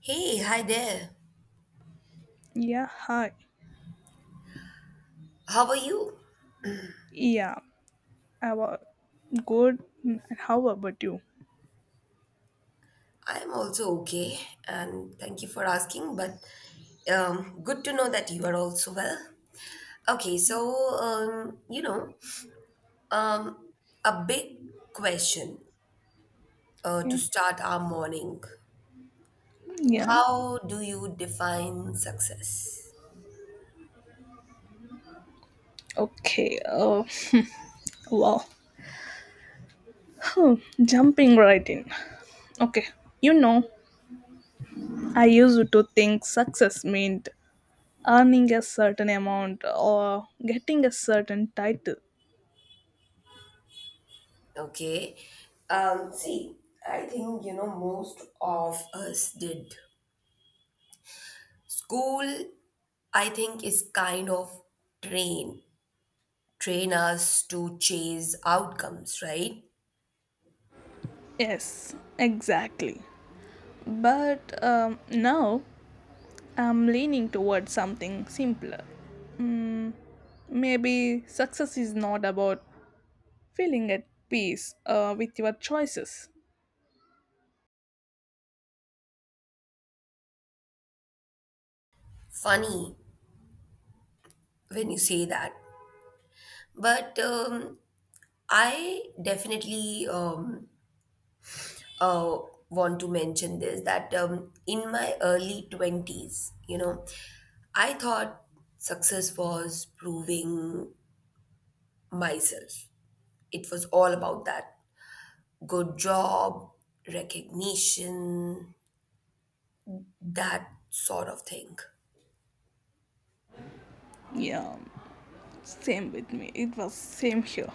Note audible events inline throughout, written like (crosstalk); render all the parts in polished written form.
Hey, hi there. Yeah, hi. How are you? Yeah, I was good. How about you? I'm also okay, and thank you for asking. But good to know that you are also well. Okay, so um, you know, um, a big question to Okay. start our morning. Yeah. How do you define success? Okay. Wow. Huh, Jumping right in. Okay. You know, I used to think success meant earning a certain amount or getting a certain title. Okay, see, I think you know most of us did. School, I think, is kind of trained train us to chase outcomes, right? Yes, exactly. But now I'm leaning towards something simpler. Maybe success is not about feeling at peace with your choices. Funny when you say that. But I definitely uh, want to mention this that in my early 20s, you know, I thought success was proving myself. It was all about that good job, recognition, that sort of thing. Yeah, same with me, it was same here.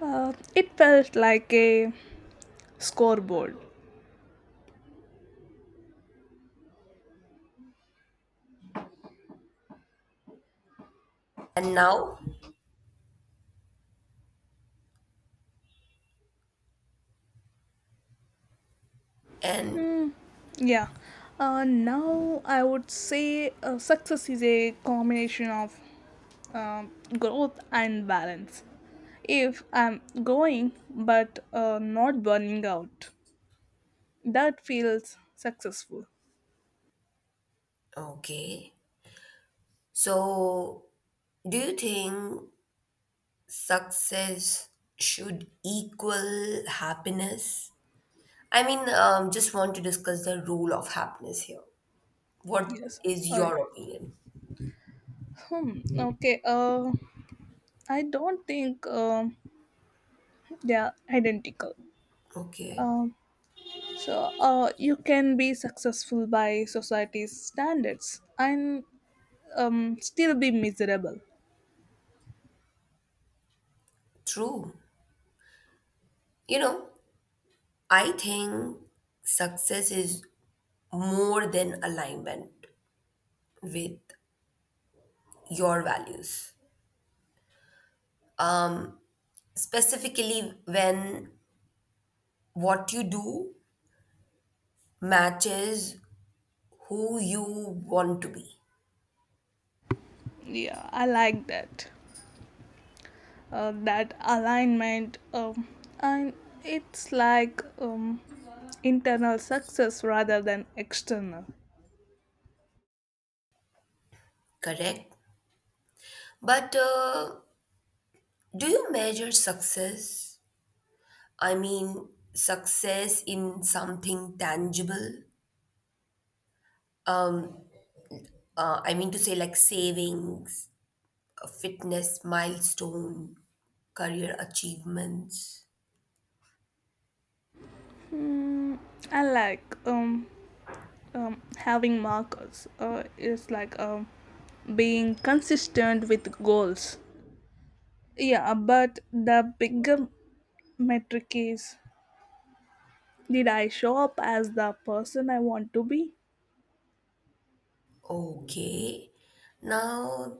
It felt like a scoreboard. And now, and Yeah. Now I would say success is a combination of um, growth and balance. If I'm growing but not burning out, that feels successful. okay, so, do you think success should equal happiness? I mean, just want to discuss the rule of happiness here. What Yes. is Okay. your opinion? hmm. Okay. I don't think they are identical. Okay, Um, so you can be successful by society's standards and still be miserable. true. You know, I think success is more than alignment with your values, specifically when what you do matches who you want to be, Yeah, I like that. That alignment. And it's like internal success rather than external. correct? But do you measure success? I mean, success in something tangible? I mean to say, like savings, a fitness milestone, career achievements. Hmm, I like having markers. It's like being consistent with goals. Yeah, but the bigger metric is, did I show up as the person I want to be? Okay. Now,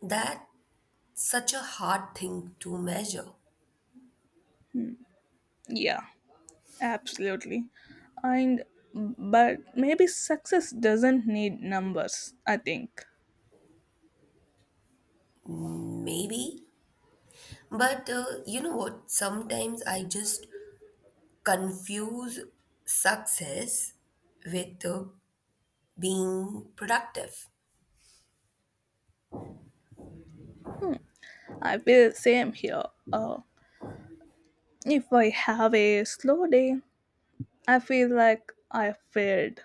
that's such a hard thing to measure. Yeah, absolutely. And but maybe success doesn't need numbers, I think. Maybe. But you know what? Sometimes I just confuse success with being productive. I feel the same here. Uh, if I have a slow day, I feel like I failed.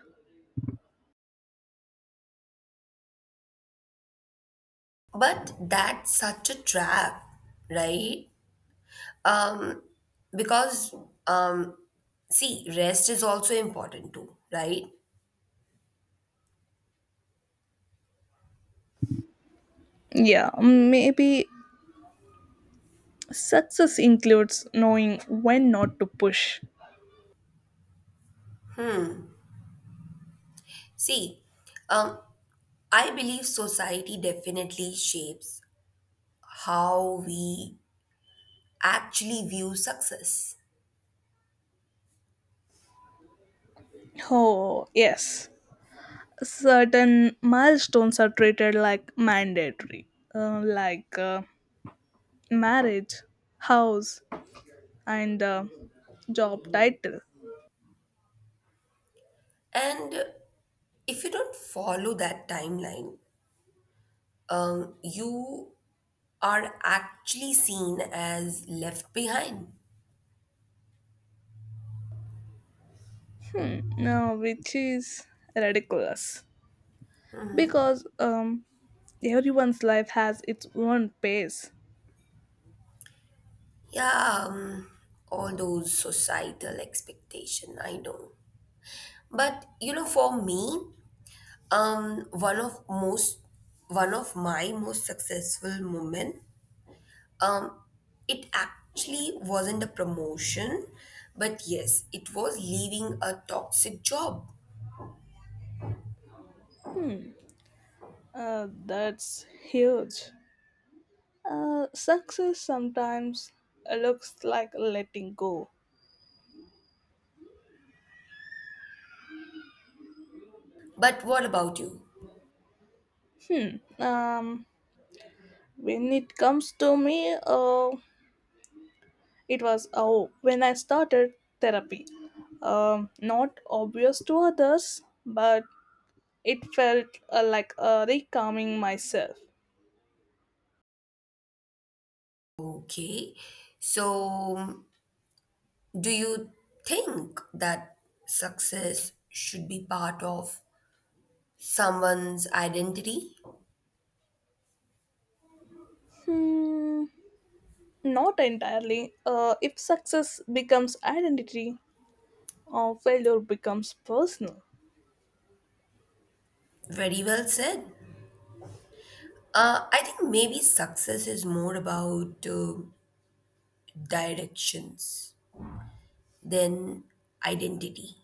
But that's such a trap, right? Um, because um, see, rest is also important too, right? Yeah, maybe success includes knowing when not to push. See, um, I believe society definitely shapes how we actually view success, Oh, yes. Certain milestones are treated like mandatory, like marriage, house, and job title. and if you don't follow that timeline, you are actually seen as left behind. Which is ridiculous because everyone's life has its own pace. Yeah, all those societal expectation, I know. But you know, for me, um, one of most, one of my most successful moment, um, it actually wasn't a promotion, but yes, it was leaving a toxic job. Hmm, that's huge. Success sometimes looks like letting go. But what about you? Hmm. Um. When it comes to me, it was oh when I started therapy. Not obvious to others, but it felt like recalming myself. Okay, so do you think that success should be part of someone's identity? Hmm, not entirely. If success becomes identity, or failure becomes personal. Very well said. I think maybe success is more about directions than identity.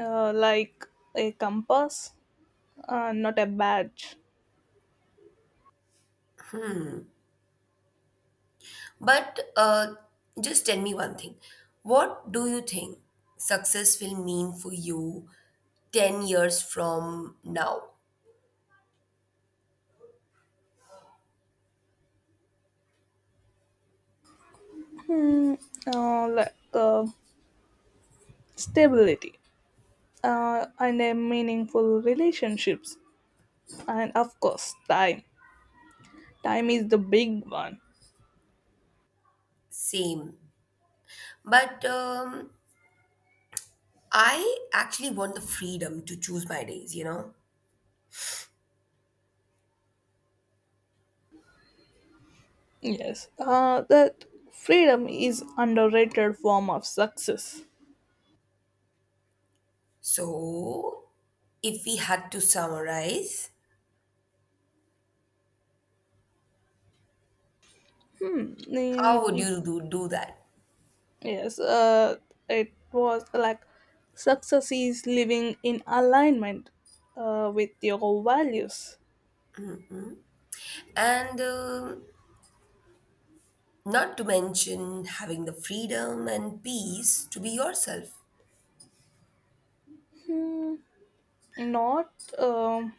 Like a compass, not a badge. But just tell me one thing. What do you think success will mean for you 10 years from now? Hmm, like stability and a meaningful relationships, and of course, time. Time is the big one. Same. But I actually want the freedom to choose my days, you know? Yes, that freedom is underrated form of success. So if we had to summarize, Yeah, how would it- you do that? yes, it was like success is living in alignment with your values, And not to mention having the freedom and peace to be yourself. not um,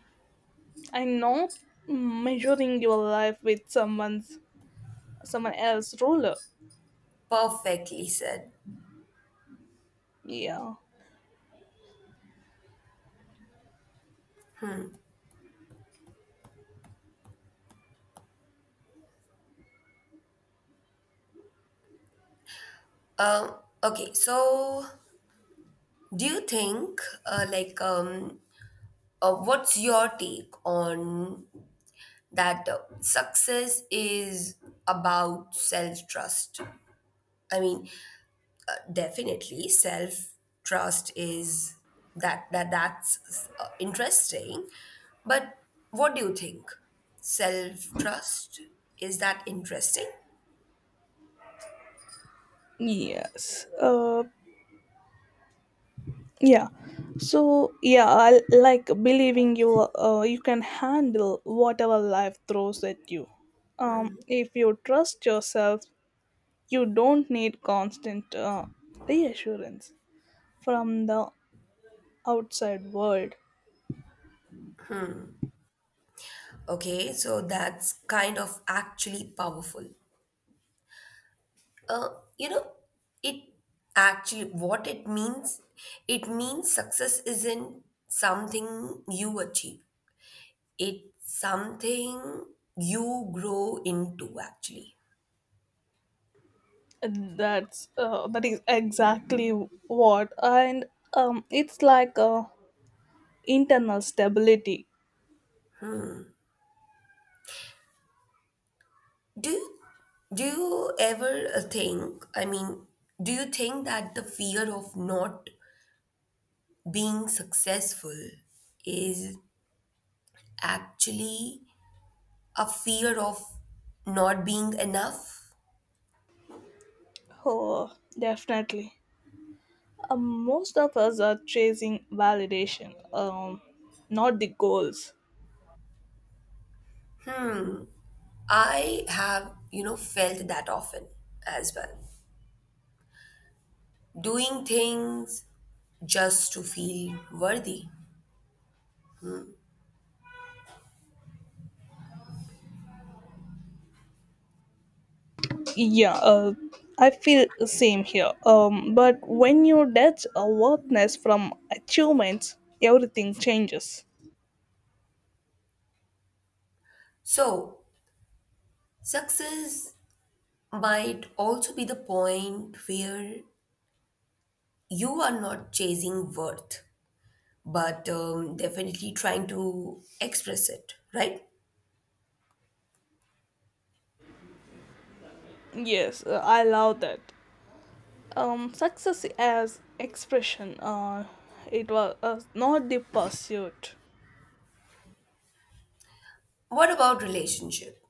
and not measuring your life with someone else's ruler. Perfectly said. Yeah. Um, okay, so do you think, what's your take on that success is about self trust? I mean, definitely, self trust is that's interesting. But what do you think? Self trust is that interesting? Yes uh, yeah so yeah I like believing you you can handle whatever life throws at you. If you trust yourself, you don't need constant reassurance from the outside world. Okay, so that's kind of actually powerful. Uh, you know, it actually what it means. It means success isn't something you achieve. It's something you grow into actually. That is exactly what, and it's like internal stability. Do you, do you ever think, I mean, do you think that the fear of not being successful is actually a fear of not being enough? Oh, definitely. Most of us are chasing validation, not the goals. I have, you know, felt that often as well. Doing things just to feel worthy. Yeah, I feel the same here. But when you detach awareness from achievements, everything changes. So, success might also be the point where you are not chasing worth but definitely trying to express it, right? Yes, I love that. Success as expression. It was not the pursuit. What about relationship?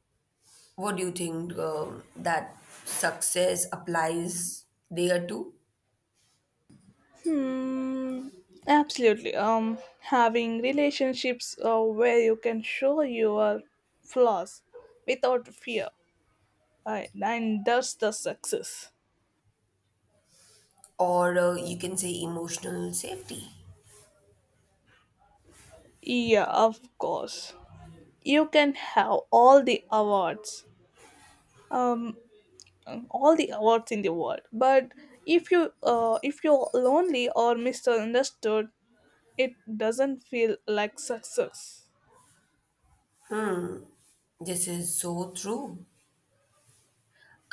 What do you think that success applies there too? Hmm. Absolutely. Having relationships where you can show your flaws without fear, right? And that's the success. Or you can say emotional safety. Yeah, of course. You can have all the awards. Um, all the awards in the world, but if you if you're lonely or misunderstood, it doesn't feel like success. This is so true.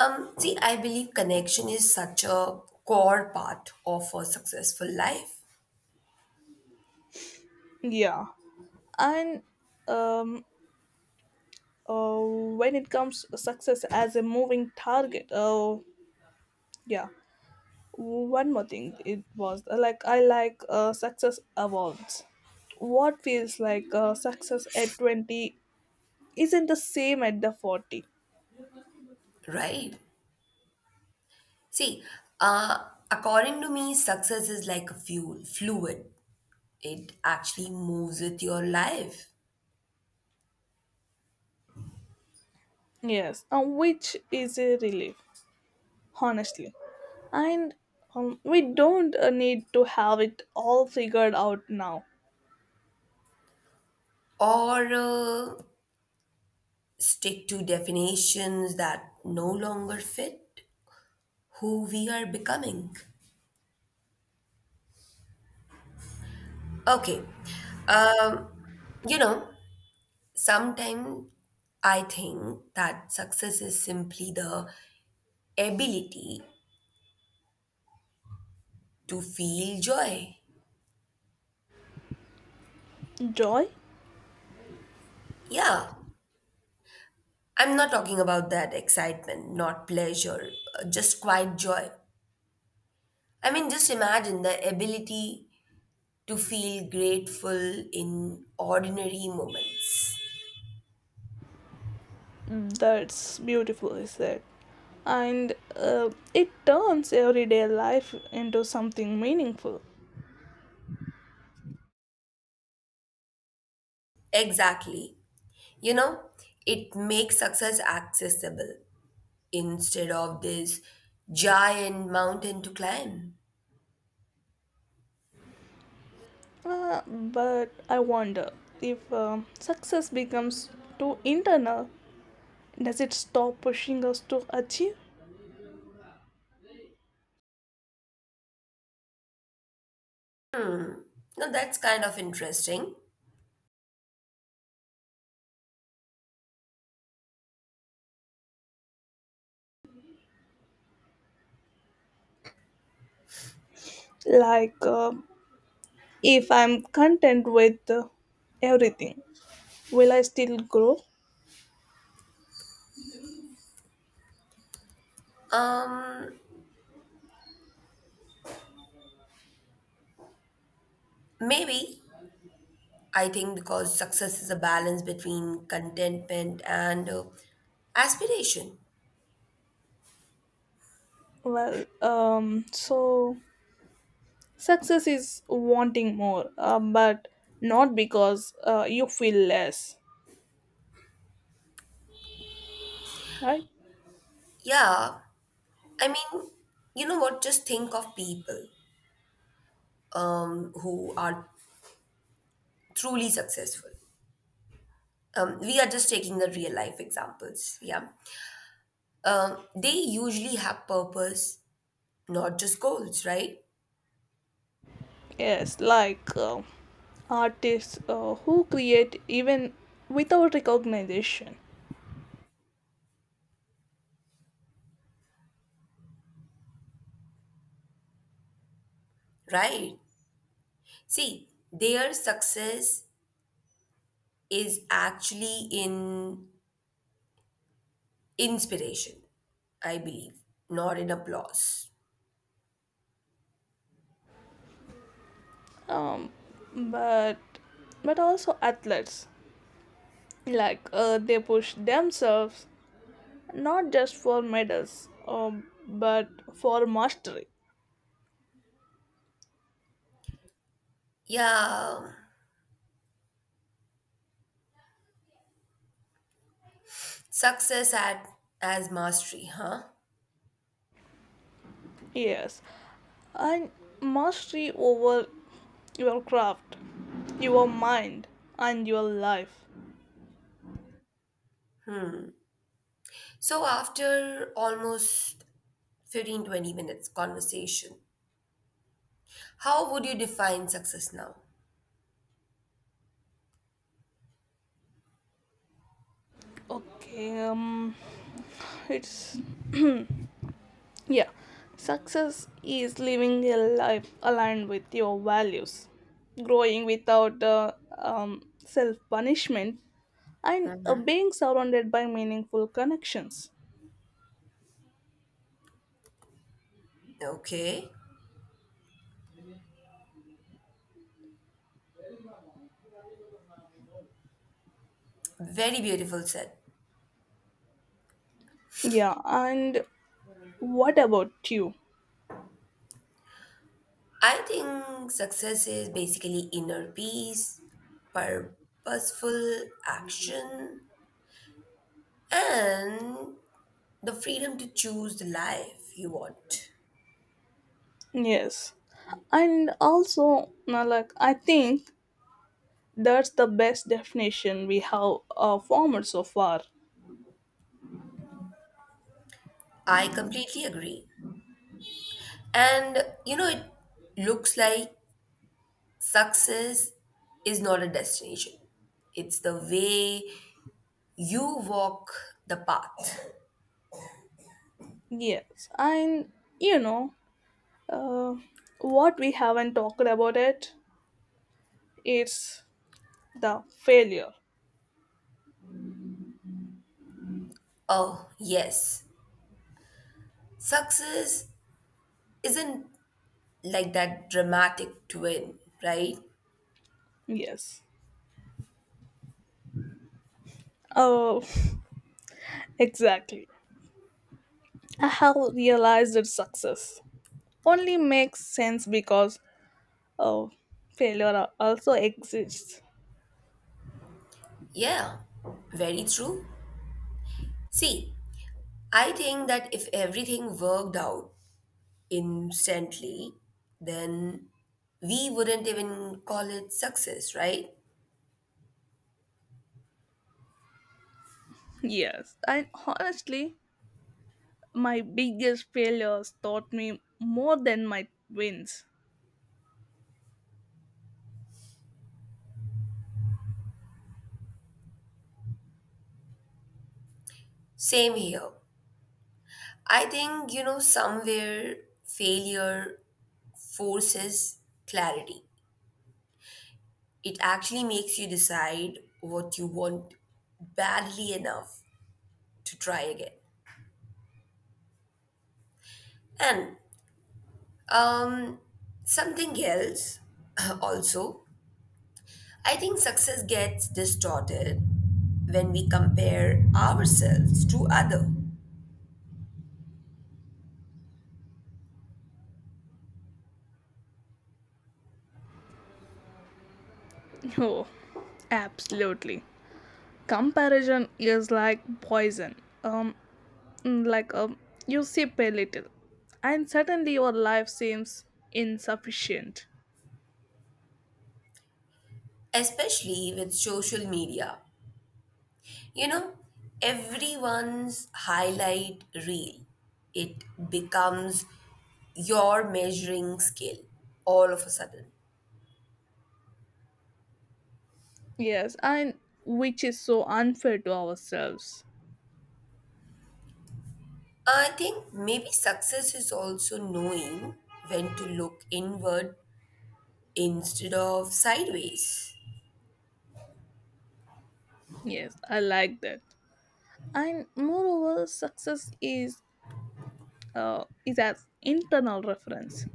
See, I believe connection is such a core part of a successful life, Yeah. And um uh, when it comes to success as a moving target. Oh yeah one more thing, it was like success awards. What feels like success at 20 isn't the same at the 40. right? See, according to me, success is like a fluid. It actually moves with your life Yes, and which is a relief honestly. And we don't need to have it all figured out now. or stick to definitions that no longer fit who we are becoming. Okay, um, you know, sometimes I think that success is simply the ability to feel joy. Joy. Yeah, I'm not talking about that excitement, not pleasure, just quiet joy. I mean, just imagine the ability to feel grateful in ordinary moments. Mm. That's beautiful is said, and it turns everyday life into something meaningful. Exactly. You know, it makes success accessible instead of this giant mountain to climb. But I wonder if success becomes too internal, does it stop pushing us to achieve? Hmm. Now that's kind of interesting. like um if I'm content with everything, will I still grow? Um, maybe I think because success is a balance between contentment and aspiration. Well, so success is wanting more, but not because you feel less, right? Yeah, I mean, you know what? Just think of people who are truly successful. We are just taking the real life examples. Yeah. They usually have purpose, not just goals, right? Yes, like artists who create even without recognition. Right. See, their success is actually in inspiration, I believe, not in applause. Um, but but also athletes, like they push themselves not just for medals, but for mastery. Yeah, success at as mastery, huh? Yes, and mastery over your craft, your mind, and your life. So after almost 15-20 minutes conversation, how would you define success now? Okay, it's yeah. Success is living a life aligned with your values, growing without self punishment, and being surrounded by meaningful connections. Okay. Very beautiful said. Yeah, and what about you? I think success is basically inner peace, purposeful action, and the freedom to choose the life you want. Yes, and also, now, like I think that's the best definition we have formed so far. I completely agree. And you know, it looks like success is not a destination, it's the way you walk the path. Yes, and you know, uh, what we haven't talked about it is the failure. Oh, yes, success isn't like that dramatic twin, right? Yes. Oh, (laughs) exactly. I have realized that success only makes sense because, oh, failure also exists. Yeah, very true. See, I think that if everything worked out instantly, then we wouldn't even call it success, right? Yes, and honestly, my biggest failures taught me more than my wins. Same here. I think, you know, somewhere failure forces clarity. It actually makes you decide what you want badly enough to try again. And um, something else (clears throat) also I think success gets distorted when we compare ourselves to other, Oh, absolutely. Comparison is like poison. Um, like, you sip a little, and suddenly your life seems insufficient. especially with social media. You know, everyone's highlight reel. It becomes your measuring scale all of a sudden. Yes, and which is so unfair to ourselves. I think maybe success is also knowing when to look inward instead of sideways. Yes, I like that. And moreover, success is as internal reference,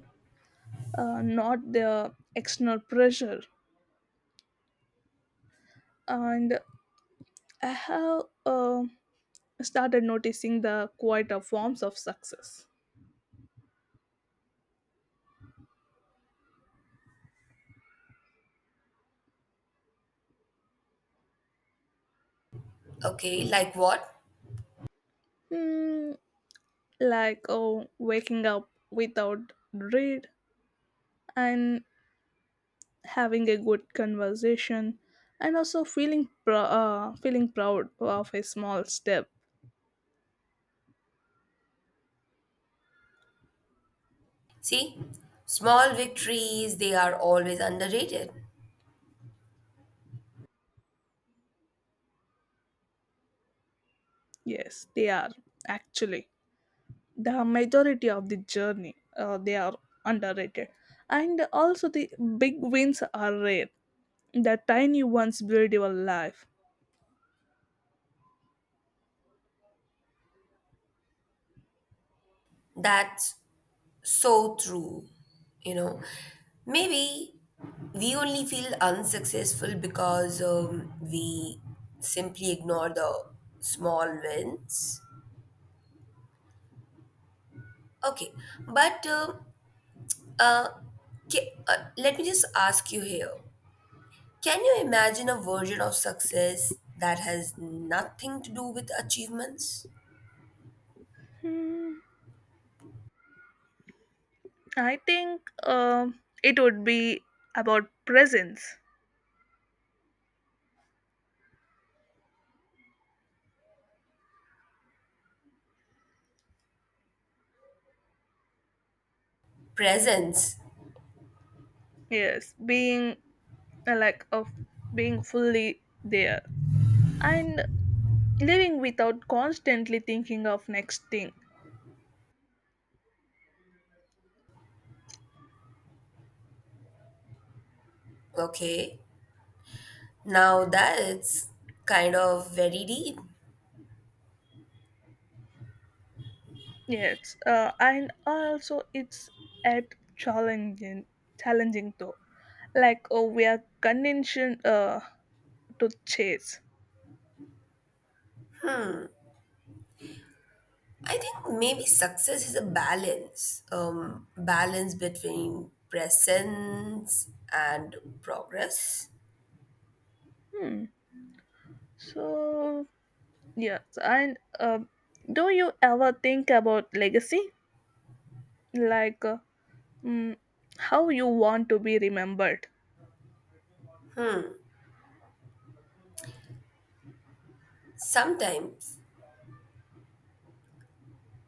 not the external pressure. And I have started noticing the quieter forms of success. Okay, like what? Hmm, like oh, waking up without dread, and having a good conversation, and also feeling feeling proud of a small step. See, small victories, they are always underrated. Yes, they are actually the majority of the journey. They are underrated, and also the big wins are rare. The tiny ones build your life. That's so true. You know, maybe we only feel unsuccessful because we simply ignore the small wins. Okay, but uh, uh, let me just ask you here, can you imagine a version of success that has nothing to do with achievements? Hmm. I think it would be about presence. Presence, Yes, being like of being fully there and living without constantly thinking of next thing. okay? Now that's kind of very deep. Yes, and also it's at challenging though. Like oh, we are conditioned to chase. I think maybe success is a balance, balance between presence and progress. Hmm. So yes, and do you ever think about legacy? Like. Mm, how you want to be remembered. Sometimes,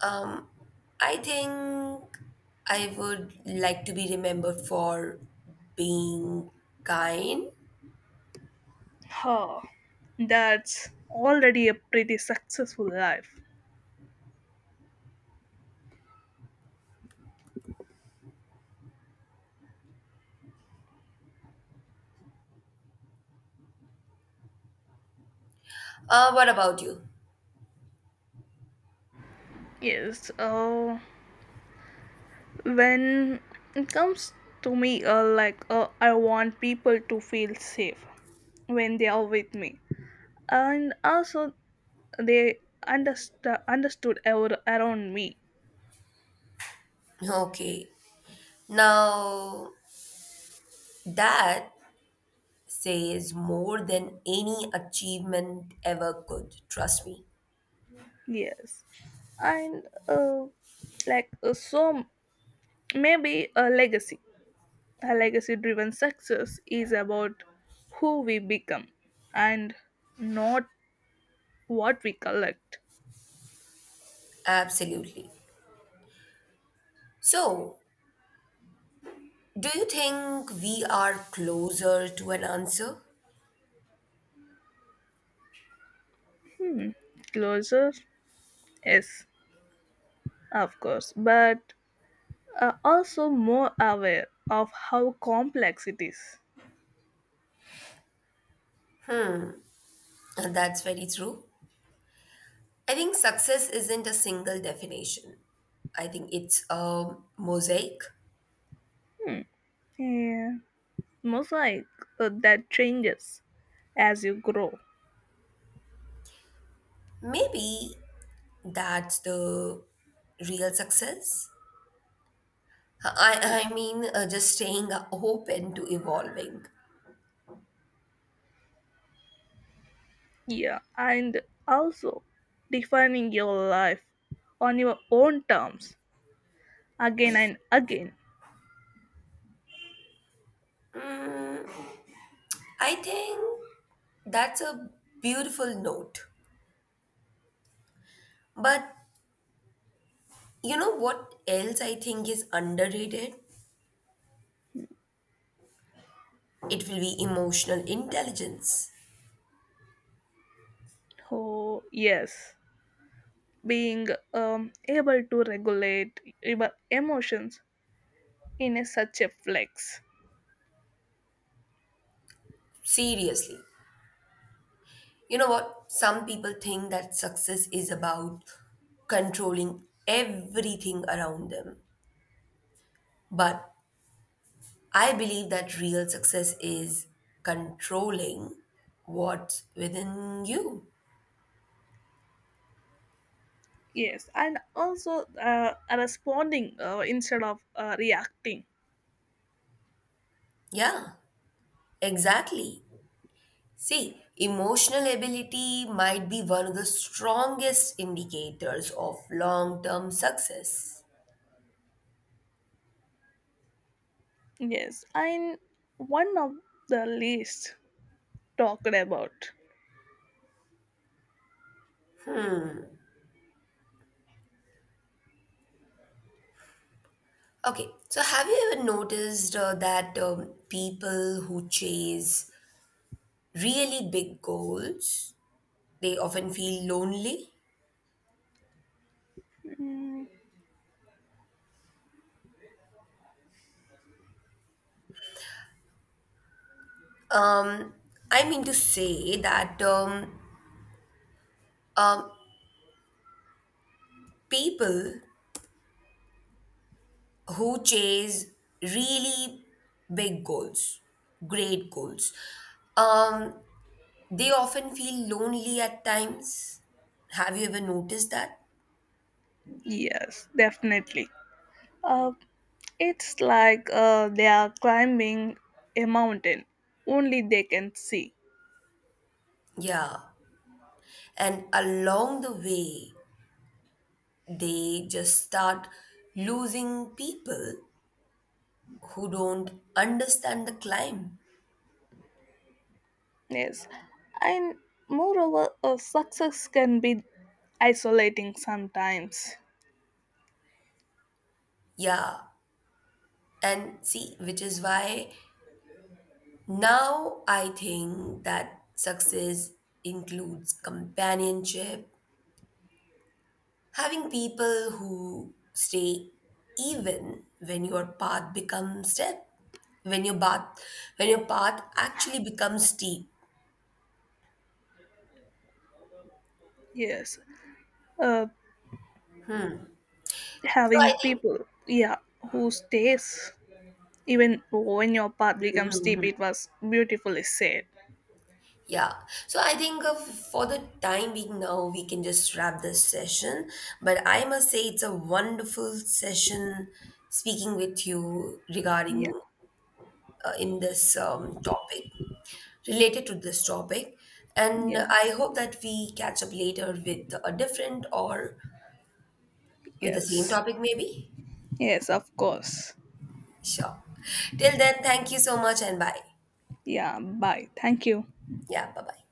um, I think I would like to be remembered for being kind. Huh. That's already a pretty successful life. What about you? Yes. When it comes to me, like I want people to feel safe when they are with me, and also they understood around me. Okay, now that says more than any achievement ever could. Trust me. Yes, and so maybe a legacy. A legacy driven success is about who we become and not what we collect. Absolutely. So, do you think we are closer to an answer? (laughs) Hmm. Closer? Yes, of course, but also more aware of how complex it is. And that's very true. I think success isn't a single definition. I think it's a mosaic. Hmm. Yeah. Mosaic that changes as you grow. Maybe that's the real success. I mean, just staying open to evolving. Yeah, and also defining your life on your own terms again and again. I think that's a beautiful note. But you know what else I think is underrated? It will be emotional intelligence. Oh, yes. Being able to regulate emotions in a such a flex. Seriously. You know what? Some people think that success is about controlling everything around them. But I believe that real success is controlling what's within you. Yes, and also responding instead of reacting. Yeah, exactly. See, emotional ability might be one of the strongest indicators of long term success. Yes, and one of the least talked about. Okay, so have you ever noticed that people who chase really big goals, they often feel lonely? Mm, Um, I mean to say that um, people who chase really big goals, great goals, um, they often feel lonely at times. Have you ever noticed that? yes, definitely. Uh, it's like uh, they are climbing a mountain only they can see. Yeah. And along the way, they just start losing people who don't understand the climb. Yes, and moreover, success can be isolating sometimes. Yeah. And see, which is why now I think that success includes companionship, having people who stay even when your path becomes steep when your path when your path actually becomes steep Yes, uh, so having I think people, yeah, who stays even when your path becomes steep. It was beautifully said. Yeah, so I think of, for the time being now, we can just wrap this session. But I must say, it's a wonderful session speaking with you Yeah, regarding uh, in this um, topic, related to this topic. And yeah, I hope that we catch up later with a different or with the same yes, topic, maybe. yes, of course. Sure. Till then, thank you so much and bye. Yeah, bye. Thank you. Yeah, bye bye.